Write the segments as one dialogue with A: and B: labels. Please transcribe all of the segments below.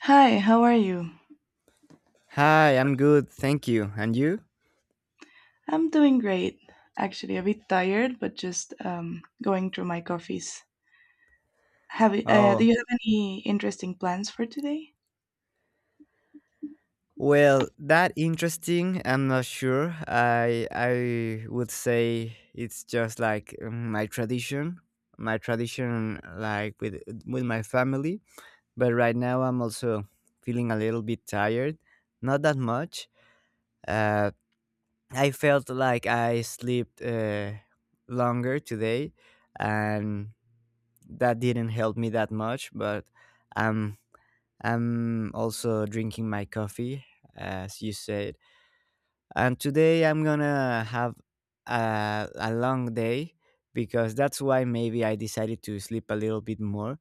A: Hi, how are you?
B: Hi, I'm good, thank you. And you?
A: I'm doing great. Actually, a bit tired, but just going through my coffees. Do
B: Oh,
A: you have any interesting plans for today?
B: well, that interesting. I'm not sure. I would say it's just like my tradition, like with my family. But right now, I'm also feeling a little bit tired. Not that much. Uh, I felt like I slept longer today, and that didn't help me that much. But I'm. I'm also drinking my coffee, as you said. And today I'm gonna have a long day because that's why maybe I decided to sleep a little bit more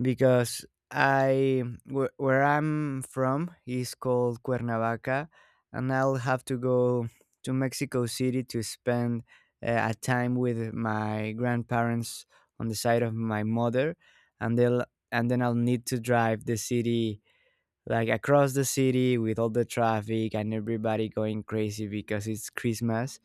B: because I where I'm from is called Cuernavaca, and I'll have to go to Mexico City to spend a time with my grandparents on the side of my mother, and they'll and then I'll need to drive the city, like across the city, with all the traffic and everybody going crazy because it's Christmas.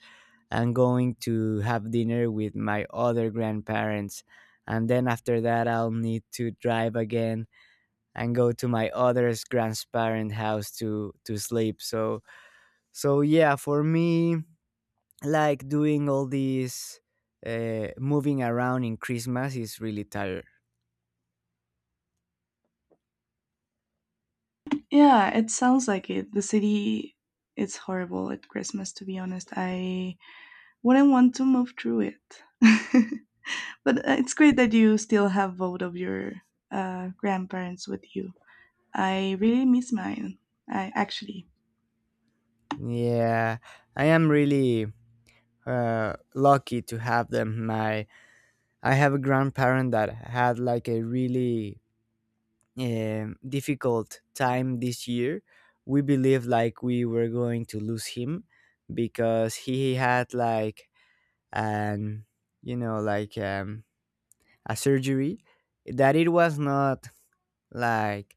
B: I'm going to have dinner with my other grandparents. And then after that, I'll need to drive again and go to my other grandparents' house to sleep. So yeah, for me, like doing all these moving around in Christmas is really tired.
A: Yeah, it sounds like it. The city it's horrible at Christmas, to be honest. I wouldn't want to move through it. But it's great that you still have both of your grandparents with you. I really miss mine, I actually.
B: Yeah, I am really lucky to have them. My I have a grandparent that had like a really difficult time this year. We believed like we were going to lose him because he had like an you know like a surgery that it was not like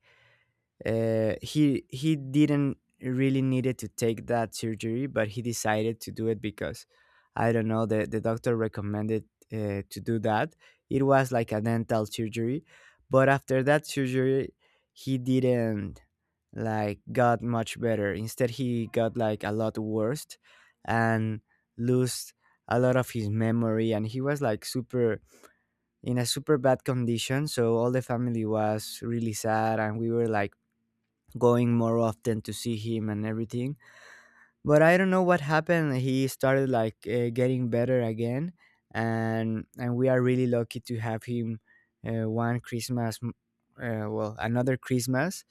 B: he didn't really needed to take that surgery, but he decided to do it because I don't know, the doctor recommended to do that. It was like a dental surgery, but after that surgery, he didn't like got much better. Instead, he got like a lot worse and lost a lot of his memory, and he was like super in a super bad condition, so all the family was really sad, and we were like going more often to see him and everything. But I don't know what happened. He started like getting better again, and we are really lucky to have him one Christmas, well another Christmas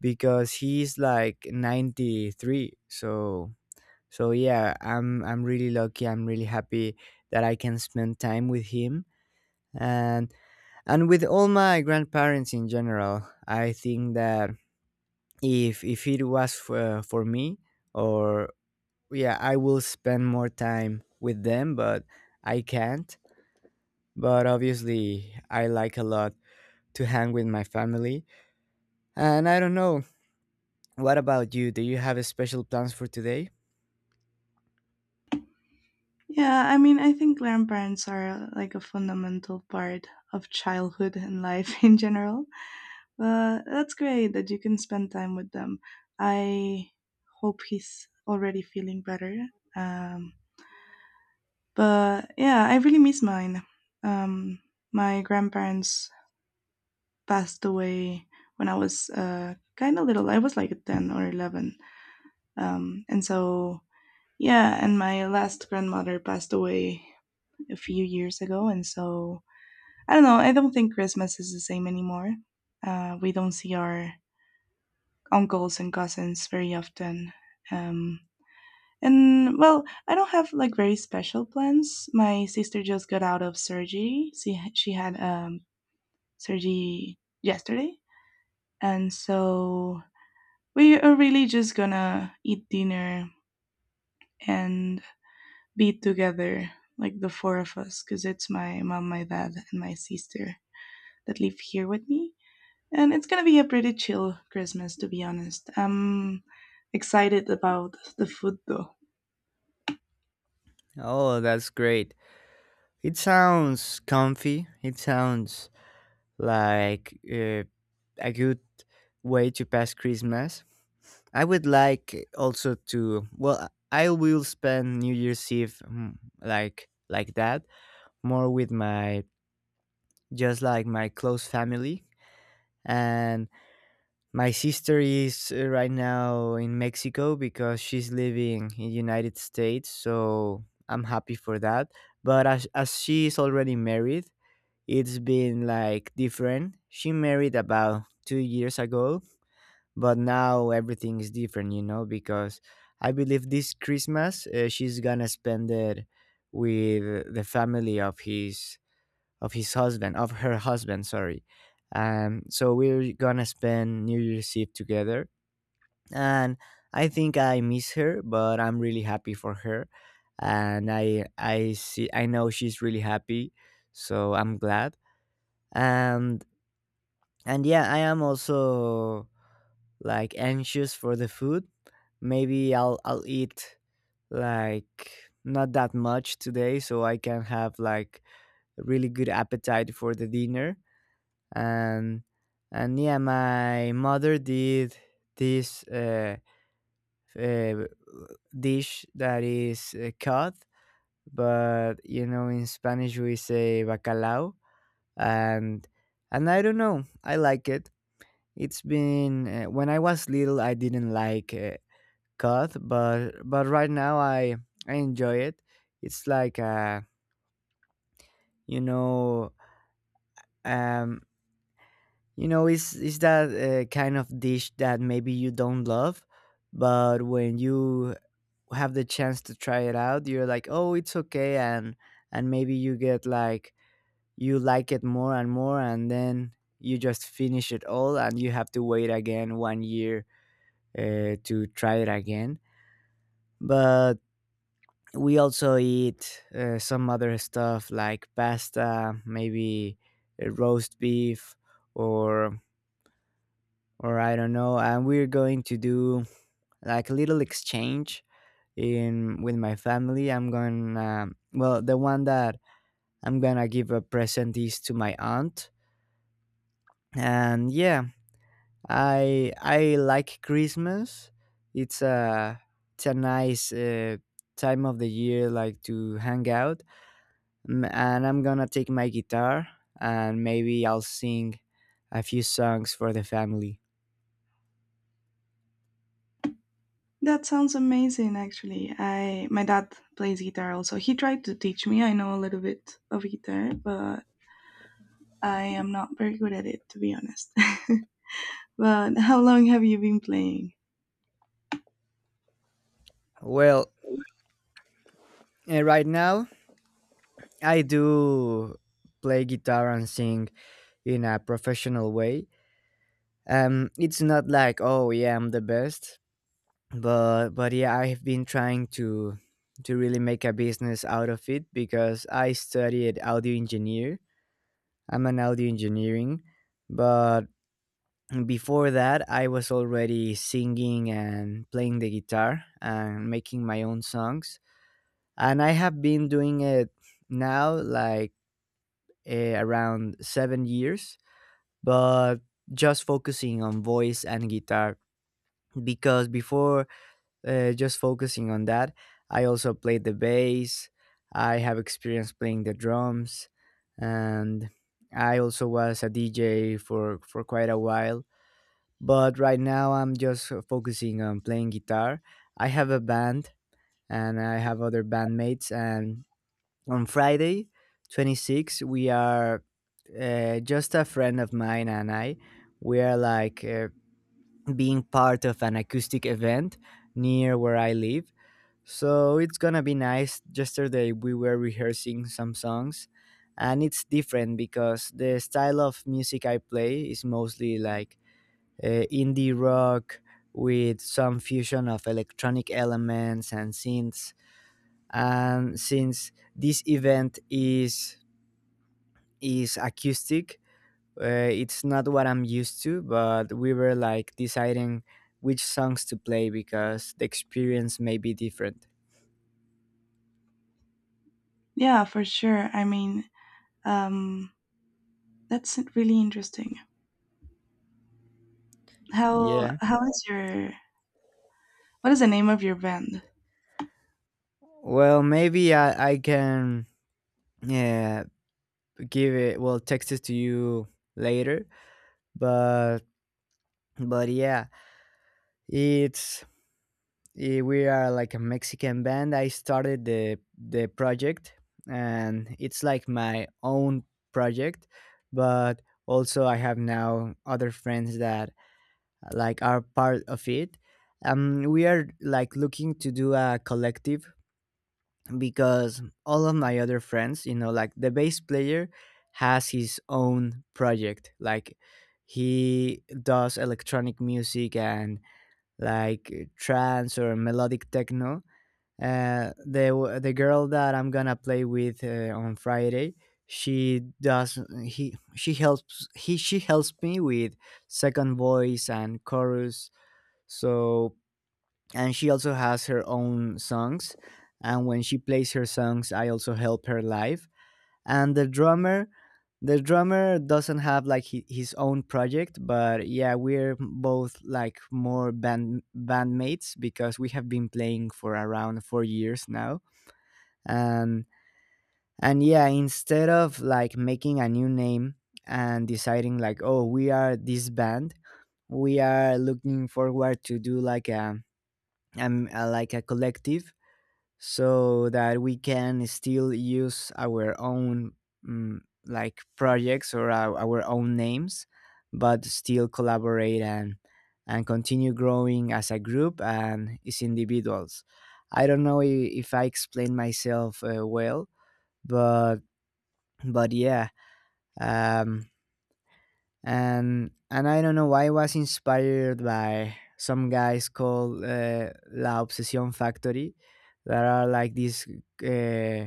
B: because he's like 93. So yeah, I'm really lucky. I'm really happy that I can spend time with him and and with all my grandparents in general. I think that if it was for me or yeah I will spend more time with them, but I can't, but obviously I like a lot to hang with my family, and I don't know, what about you, do you have a special plans for today?
A: Yeah, I mean, I think grandparents are like a fundamental part of childhood and life in general. But that's great that you can spend time with them. I hope he's already feeling better. Um, but yeah, I really miss mine. Um, my grandparents passed away when I was kind of little. I was like 10 or 11. Um, and so, yeah, and my last grandmother passed away a few years ago. And so, I don't know, I don't think Christmas is the same anymore. We don't see our uncles and cousins very often. Um, and well, I don't have like very special plans. My sister just got out of surgery. She had surgery yesterday, and so we are really just gonna eat dinner and be together, like the four of us, because it's my mom, my dad, and my sister that live here with me. And it's gonna be a pretty chill Christmas, to be honest. I'm excited about the food, though.
B: Oh, that's great. It sounds comfy. It sounds like a good way to pass Christmas. I would like also to, well, I will spend New Year's Eve like that, more with my, just like my close family. And my sister is right now in Mexico because she's living in United States. So I'm happy for that. But as she is already married, it's been like different. She married about 2 years ago, but now everything is different, you know, because I believe this Christmas she's gonna spend it with the family of his husband, of her husband. Sorry. So we're gonna spend New Year's Eve together, and I think I miss her, but I'm really happy for her, and I know she's really happy, so I'm glad, and and yeah, I am also like anxious for the food. Maybe I'll eat like not that much today, so I can have like a really good appetite for the dinner. and and yeah, my mother did this uh dish that is cod, but you know, in Spanish we say bacalao. and and I don't know, I like it. It's been when I was little, I didn't like cut, but right now I enjoy it. It's like you know um it's that kind of dish that maybe you don't love, but when you have the chance to try it out, you're like, oh, it's okay, and maybe you get like, you like it more and more, and then you just finish it all, and you have to wait again one year to try it again. But we also eat some other stuff like pasta, maybe roast beef, or or I don't know. And we're going to do like a little exchange in with my family. I'm gonna, well, the one that I'm gonna give a present is to my aunt, and yeah, I like Christmas. It's a it's a nice time of the year, like to hang out. And I'm gonna take my guitar and maybe I'll sing a few songs for the family.
A: That sounds amazing, actually. I my dad plays guitar also. He tried to teach me. I know a little bit of guitar, but I am not very good at it, to be honest. But how long have you been playing?
B: Well, right now I do play guitar and sing in a professional way. It's not like oh yeah I'm the best, but yeah, I've been trying to really make a business out of it because I studied audio engineer. I'm an audio engineering, but and before that, I was already singing and playing the guitar and making my own songs, and I have been doing it now like around 7 years, but just focusing on voice and guitar, because before just focusing on that, I also played the bass, I have experience playing the drums, and I also was a DJ for quite a while. But right now I'm just focusing on playing guitar. I have a band and I have other bandmates, and on Friday, 26, we are, just a friend of mine and I. We are like being part of an acoustic event near where I live. So it's gonna be nice. Yesterday we were rehearsing some songs, and it's different because the style of music I play is mostly like indie rock with some fusion of electronic elements and synths. And since this event is acoustic, it's not what I'm used to. But we were like deciding which songs to play because the experience may be different.
A: Yeah, for sure. I mean, um, that's really interesting. How
B: Yeah.
A: how is your what is the name of your band?
B: Well, maybe I can yeah give it, well, text it to you later, but but yeah, it's we are like a Mexican band. I started the project, and it's like my own project, but also I have now other friends that like are part of it. We are like looking to do a collective because all of my other friends, you know, like the bass player has his own project. Like he does electronic music and like trance or melodic techno. The girl that I'm gonna play with on Friday, she does, he she helps me with second voice and chorus. So and she also has her own songs, and when she plays her songs, I also help her live. And the drummer doesn't have like his own project, but yeah, we're both like more band bandmates because we have been playing for around 4 years now. and and yeah, instead of like making a new name and deciding like oh we are this band, we are looking forward to do like a like a collective, so that we can still use our own mm, like projects or our own names, but still collaborate and continue growing as a group and as individuals. I don't know, if I explained myself well, but but yeah, um and I don't know why, I was inspired by some guys called La Obsesión Factory, that are like these uh,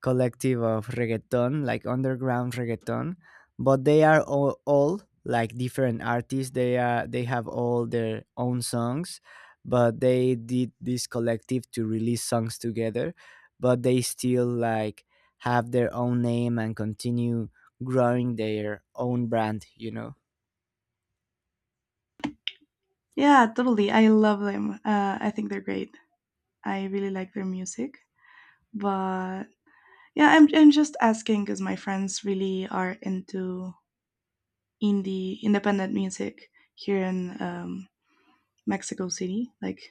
B: collective of reggaeton, like underground reggaeton, but they are all like different artists. They have all their own songs, but they did this collective to release songs together, but they still like have their own name and continue growing their own brand, you know.
A: Yeah, totally. I love them. I think they're great. I really like their music. But yeah, I'm just asking because my friends really are into indie independent music here in Mexico City, like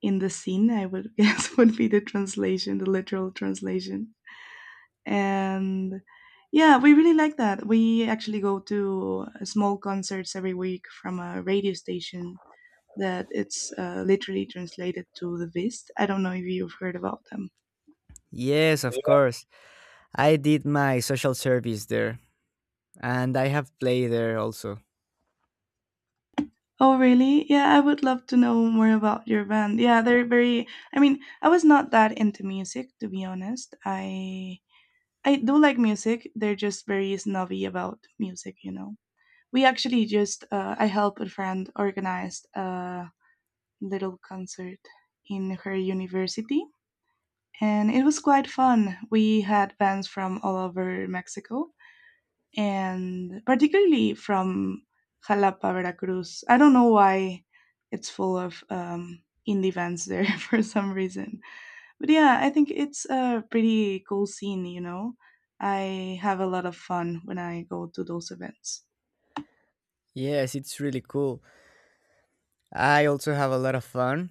A: in the scene, I would guess would be the translation, the literal translation. And yeah, we really like that. We actually go to small concerts every week from a radio station that it's literally translated to the Vist. I don't know if you've heard about them.
B: Yes, of course. I did my social service there and I have played there also.
A: Oh, really? Yeah, I would love to know more about your band. Yeah, they're very. I mean, I was not that into music, to be honest. I do like music. They're just very snobby about music, you know. We actually just I helped a friend organize a little concert in her university, and it was quite fun. We had bands from all over Mexico, and particularly from Jalapa, Veracruz. I don't know why it's full of indie bands there for some reason. But yeah, I think it's a pretty cool scene, you know? I have a lot of fun when I go to those events.
B: Yes, it's really cool. I also have a lot of fun.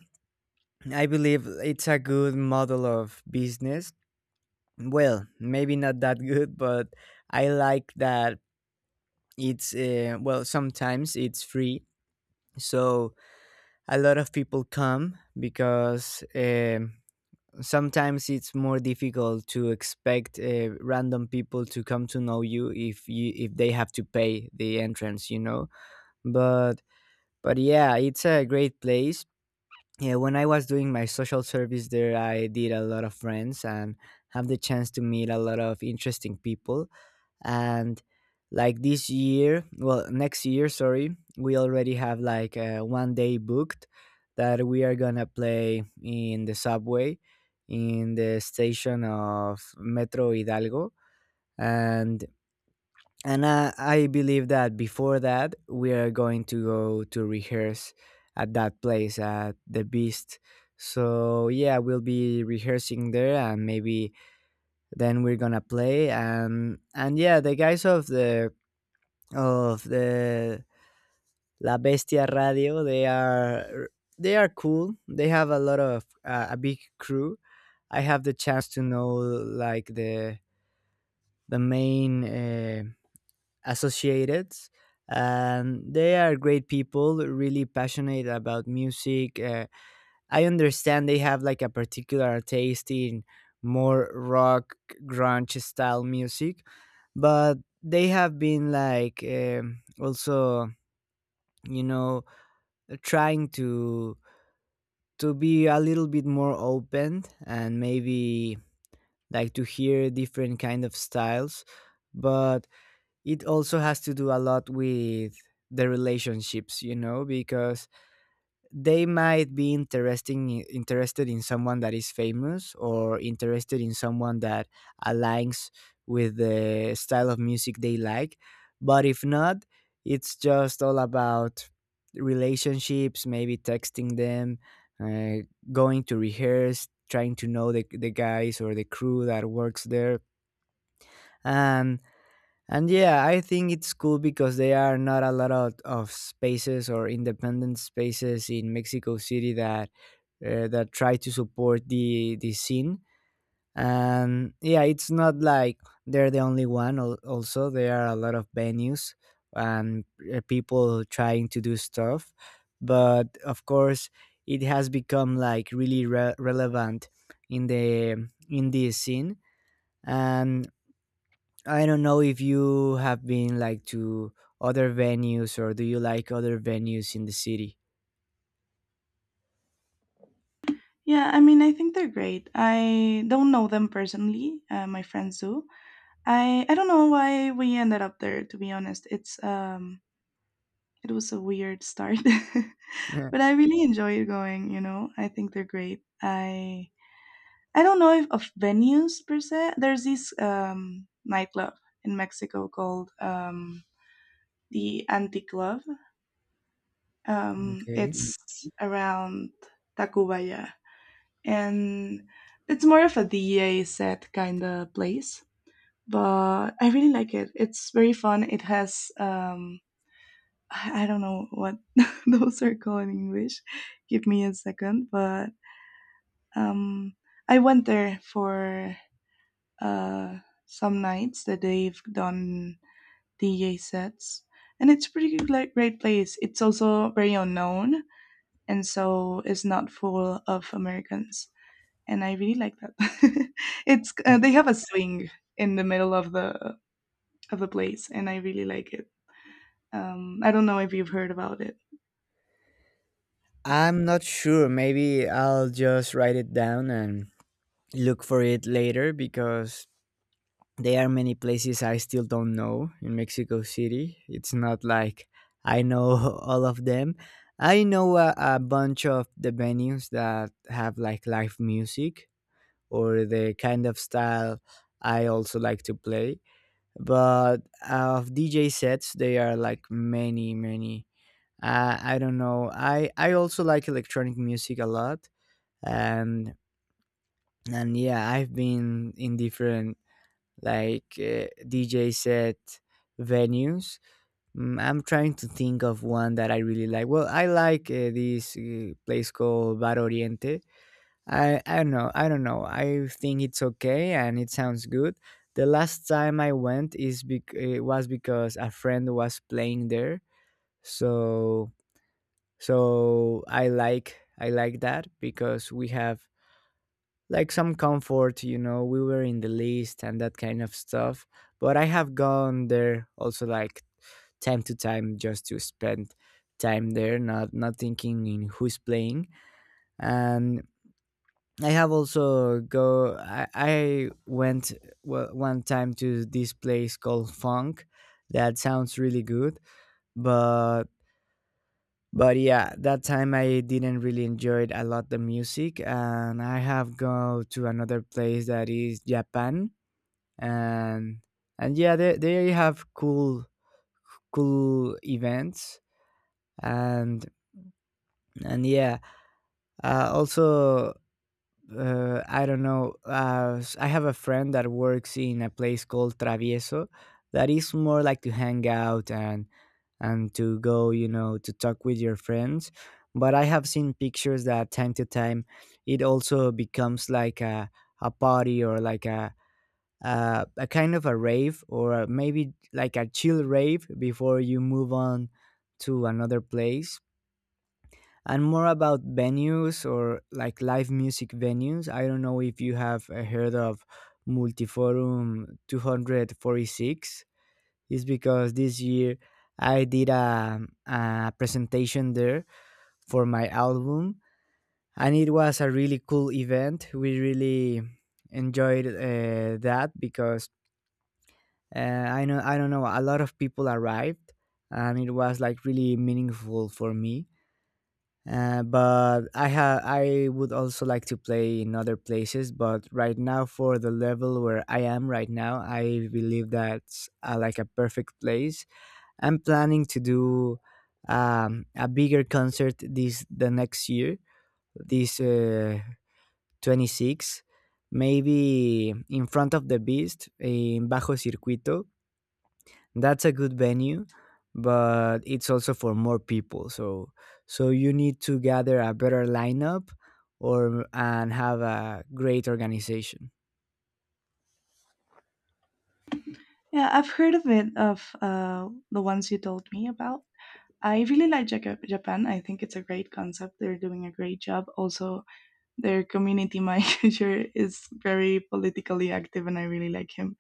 B: I believe it's a good model of business. Well, maybe not that good, but I like that it's, well, sometimes it's free. So a lot of people come because sometimes it's more difficult to expect random people to come to know you, if they have to pay the entrance, you know. But but yeah, it's a great place. Yeah, when I was doing my social service there, I did a lot of friends and have the chance to meet a lot of interesting people. And like this year, well, next year, sorry, we already have like one day booked that we are gonna play in the subway, in the station of Metro Hidalgo. And and I believe that before that we are going to go to rehearse at that place at the Beast. So yeah, we'll be rehearsing there, and maybe then we're gonna play and yeah, the guys of the of the La Bestia Radio, they are cool. They have a lot of a big crew. I have the chance to know like the main associated, and they are great people, really passionate about music. I understand they have like a particular taste in more rock, grunge style music, but they have been like also, you know trying to be a little bit more open and maybe like to hear different kind of styles. But it also has to do a lot with the relationships, you know, because they might be interesting interested in someone that is famous, or interested in someone that aligns with the style of music they like. But if not, it's just all about relationships, maybe texting them, uh, going to rehearse, trying to know the guys or the crew that works there. and and yeah, I think it's cool because there are not a lot of spaces or independent spaces in Mexico City that that try to support the scene. And yeah, it's not like they're the only one. Also, there are a lot of venues and people trying to do stuff, but of course, it has become like really relevant in the scene. And I don't know if you have been like to other venues, or do you like other venues in the city?
A: Yeah, I mean, I think they're great. I don't know them personally. My friends do. I don't know why we ended up there. To be honest, it was a weird start,
B: Uh,
A: but I really enjoy going. You know, I think they're great. I don't know if of venues per se. There's this nightclub in Mexico called the Anti Club.
B: okay.
A: It's around Tacubaya, and it's more of a DEA set kind of place. But I really like it. It's very fun. It has I don't know what those are called in English. Give me a second. But um, I went there for uh, some nights that they've done DJ sets, and it's pretty good, like great place. It's also very unknown and so it's not full of Americans. And I really like that. it's
B: Uh,
A: They have a swing in the middle of the place, and I really like it. I don't know if you've heard about it.
B: I'm not sure. Maybe I'll just write it down and look for it later, because there are many places I still don't know in Mexico City. It's not like I know all of them. I know a bunch of the venues that have like live music or the kind of style I also like to play. But of DJ sets, they are like many many, I don't know, I also like electronic music a lot. and and yeah, I've been in different like DJ set venues. Mm, I'm trying to think of one that I really like. Well, I like this place called Bar Oriente. I don't know. I don't know. I think it's okay and it sounds good. The last time I went is it was because a friend was playing there. So so I like that because we have like some comfort, you know, we were in the list and that kind of stuff. But I have gone there also like time to time just to spend time there, not thinking in who's playing. And I have also go. I went one time to this place called Funk. That sounds really good, but but yeah, that time I didn't really enjoy it a lot the music. And I have go to another place that is Japan, and and yeah, they have cool cool events. and and yeah, also, I don't know. I have a friend that works in a place called Travieso, that is more like to hang out and to go, you know, to talk with your friends. But I have seen pictures that time to time, it also becomes like a party, or like a kind of a rave, maybe like a chill rave before you move on to another place. And more about venues or like live music venues, I don't know if you have heard of Multiforum 246. It's because this year I did a presentation there for my album, and it was a really cool event. We really enjoyed that because I know, I don't know, a lot of people arrived, and it was like really meaningful for me. But I would also like to play in other places, but right now, for the level where I am right now, I believe that's like a perfect place. I'm planning to do a bigger concert this the next year, this 26, maybe in front of the Beast in Bajo Circuito. That's a good venue, but it's also for more people, so so you need to gather a better lineup or and have a great organization.
A: Yeah, I've heard of it of the ones you told me about. I really like Japan. I think it's a great concept. They're doing a great job. Also, their community manager is very politically active, and I really like him.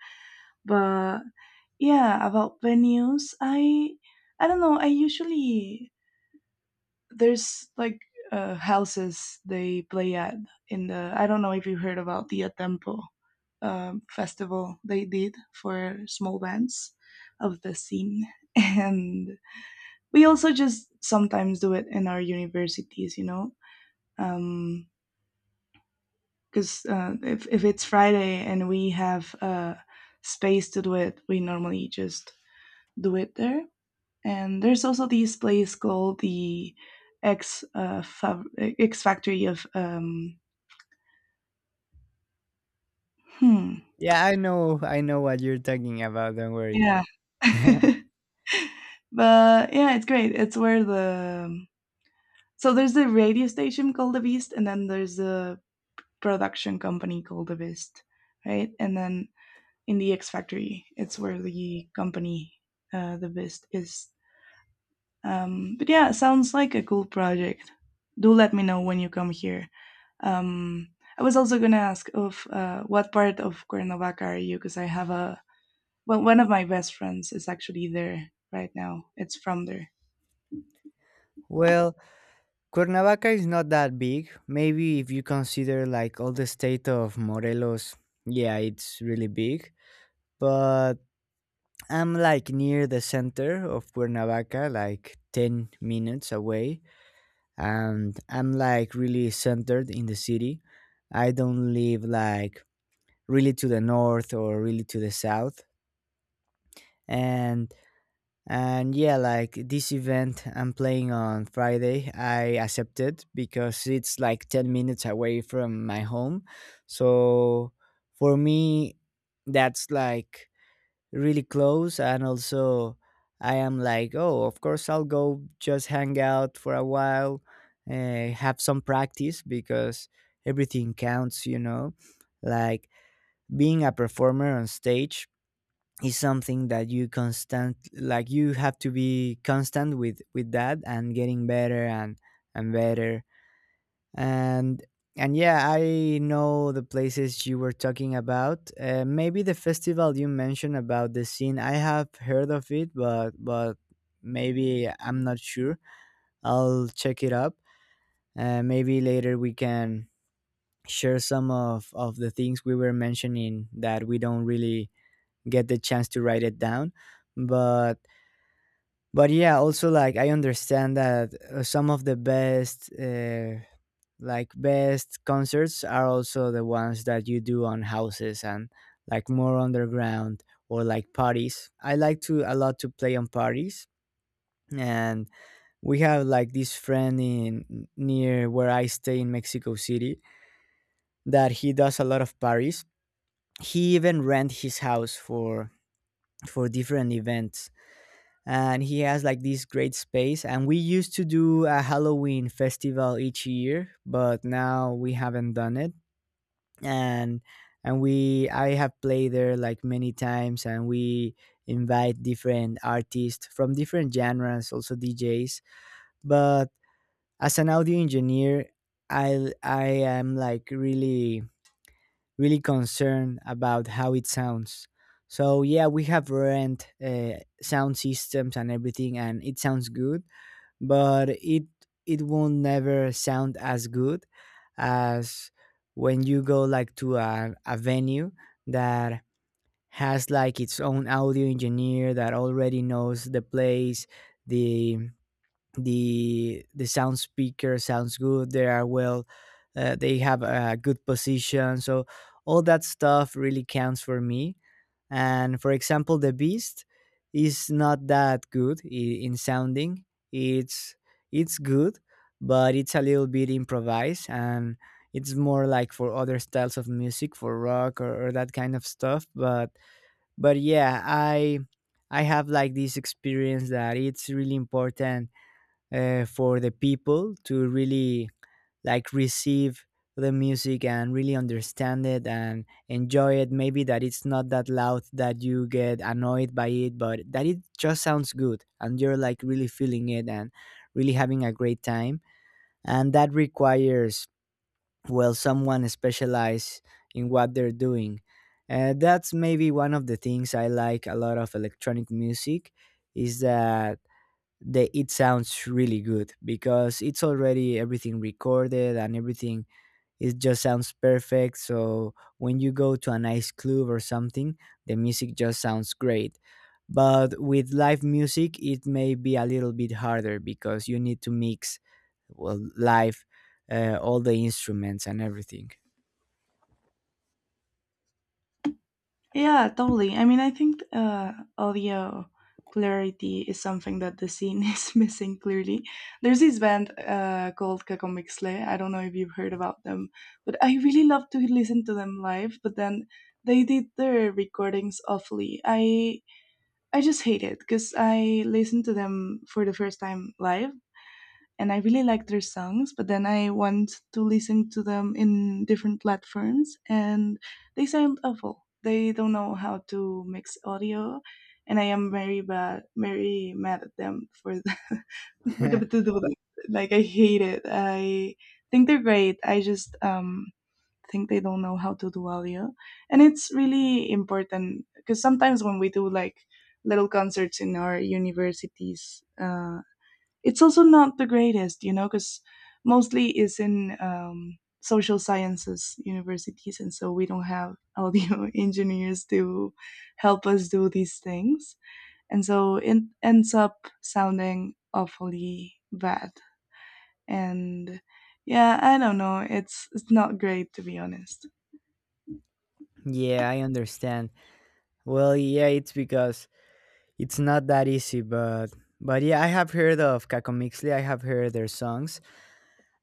A: But yeah, about venues, I don't know, I usually there's like houses they play at in the. I don't know if you heard about the Atempo, festival they did for small bands of the scene. And we also just sometimes do it in our universities, you know. Um because uh, if, if it's Friday and we have space to do it, we normally just do it there. And there's also this place called the X uh, Fav- X Factory of hmm
B: Yeah, I know what you're talking about, don't worry.
A: yeah. But yeah, it's great. It's where the so there's the radio station called The Beast, and then there's the production company called The Beast, right? And then in the X Factory, it's where the company The Beast is. But yeah, it sounds like a cool project. Do let me know when you come here. Um, I was also gonna ask of what part of Cuernavaca are you? Because I have a well, one of my best friends is actually there right now. It's from there.
B: Well, Cuernavaca is not that big. Maybe if you consider like all the state of Morelos, yeah, it's really big. But I'm like near the center of Cuernavaca, like 10 minutes away, and I'm like really centered in the city. I don't live like really to the north or really to the south. And and yeah, like this event I'm playing on Friday, I accepted because it's like 10 minutes away from my home. So for me that's like really close. And also I am like, oh, of course I'll go, just hang out for a while, have some practice, because everything counts, you know. Like being a performer on stage is something that you constant like you have to be constant with that and getting better and better. and and yeah, I know the places you were talking about. Maybe the festival you mentioned about the scene, I have heard of it, but maybe I'm not sure, I'll check it up. Maybe later we can share some of the things we were mentioning that we don't really get the chance to write it down. but but yeah, also like I understand that some of the best like best concerts are also the ones that you do on houses and like more underground, or like parties. I like to a lot to play on parties. And we have like this friend in near where I stay in Mexico City, that he does a lot of parties. He even rent his house for different events, and he has like this great space, and we used to do a Halloween festival each year, but now we haven't done it. and and we I have played there like many times, and we invite different artists from different genres, also DJs. But as an audio engineer, I am like really really concerned about how it sounds. So yeah, we have rent sound systems and everything, and it sounds good. But it won't never sound as good as when you go like to a venue that has like its own audio engineer, that already knows the place, the the the sound speaker sounds good, they are well, they have a good position. So all that stuff really counts for me. And for example, the Beast is not that good in sounding. it's it's good, but it's a little bit improvised, and it's more like for other styles of music, for rock, or that kind of stuff. But yeah, I have like this experience that it's really important, for the people to really like receive the music and really understand it and enjoy it. Maybe that it's not that loud that you get annoyed by it, but that it just sounds good and you're like really feeling it and really having a great time. And that requires well, someone specialized in what they're doing. That's maybe one of the things I like a lot of electronic music, is that it sounds really good, because it's already everything recorded and everything, it just sounds perfect. So when you go to a nice club or something, the music just sounds great. But with live music, it may be a little bit harder because you need to mix well live, all the instruments and everything.
A: Yeah, totally. I mean, I think audio clarity is something that the scene is missing clearly. There's this band called Kakomixle. I don't know if you've heard about them, but I really love to listen to them live. But then they did their recordings awfully. I just hate it because I listened to them for the first time live, and I really like their songs, but then I want to listen to them in different platforms and they sound awful. They don't know how to mix audio, and I am very bad, very mad at them for the for the, to do that. Like I hate it. I think they're great. I just think they don't know how to do audio. And it's really important because sometimes when we do like little concerts in our universities, it's also not the greatest, you know, because mostly it's in social sciences universities, and so we don't have audio engineers to help us do these things, and so it ends up sounding awfully bad. And yeah, I don't know. It's not great, to be honest.
B: Yeah, I understand. Well, yeah, it's because it's not that easy, but yeah, I have heard of Kakomixli. I have heard their songs.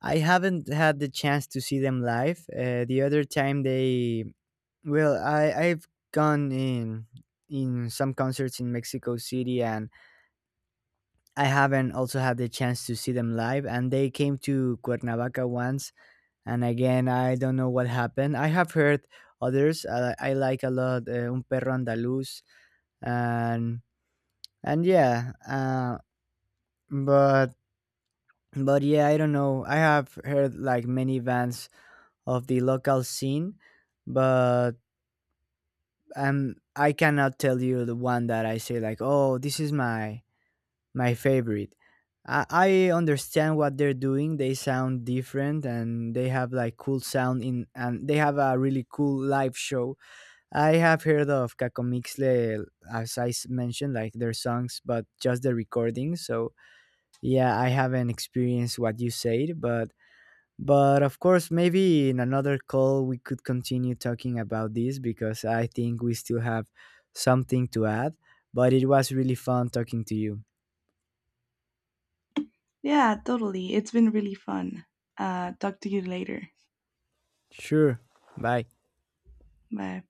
B: I haven't had the chance to see them live. The other time they Well, I've gone in some concerts in Mexico City, and I haven't also had the chance to see them live. And they came to Cuernavaca once, and again I don't know what happened. I have heard others. I like a lot Un Perro Andaluz, and and yeah, but but yeah, I don't know. I have heard like many bands of the local scene, but I cannot tell you the one that I say like, "Oh, this is my my favorite." I understand what they're doing. They sound different and they have like cool sound in, and they have a really cool live show. I have heard of Cacomixle, as I mentioned, like their songs, but just the recording. So, yeah, I haven't experienced what you said, but of course, maybe in another call we could continue talking about this, because I think we still have something to add. But it was really fun talking to you.
A: Yeah, totally. It's been really fun. Talk to you later.
B: Sure. Bye.
A: Bye.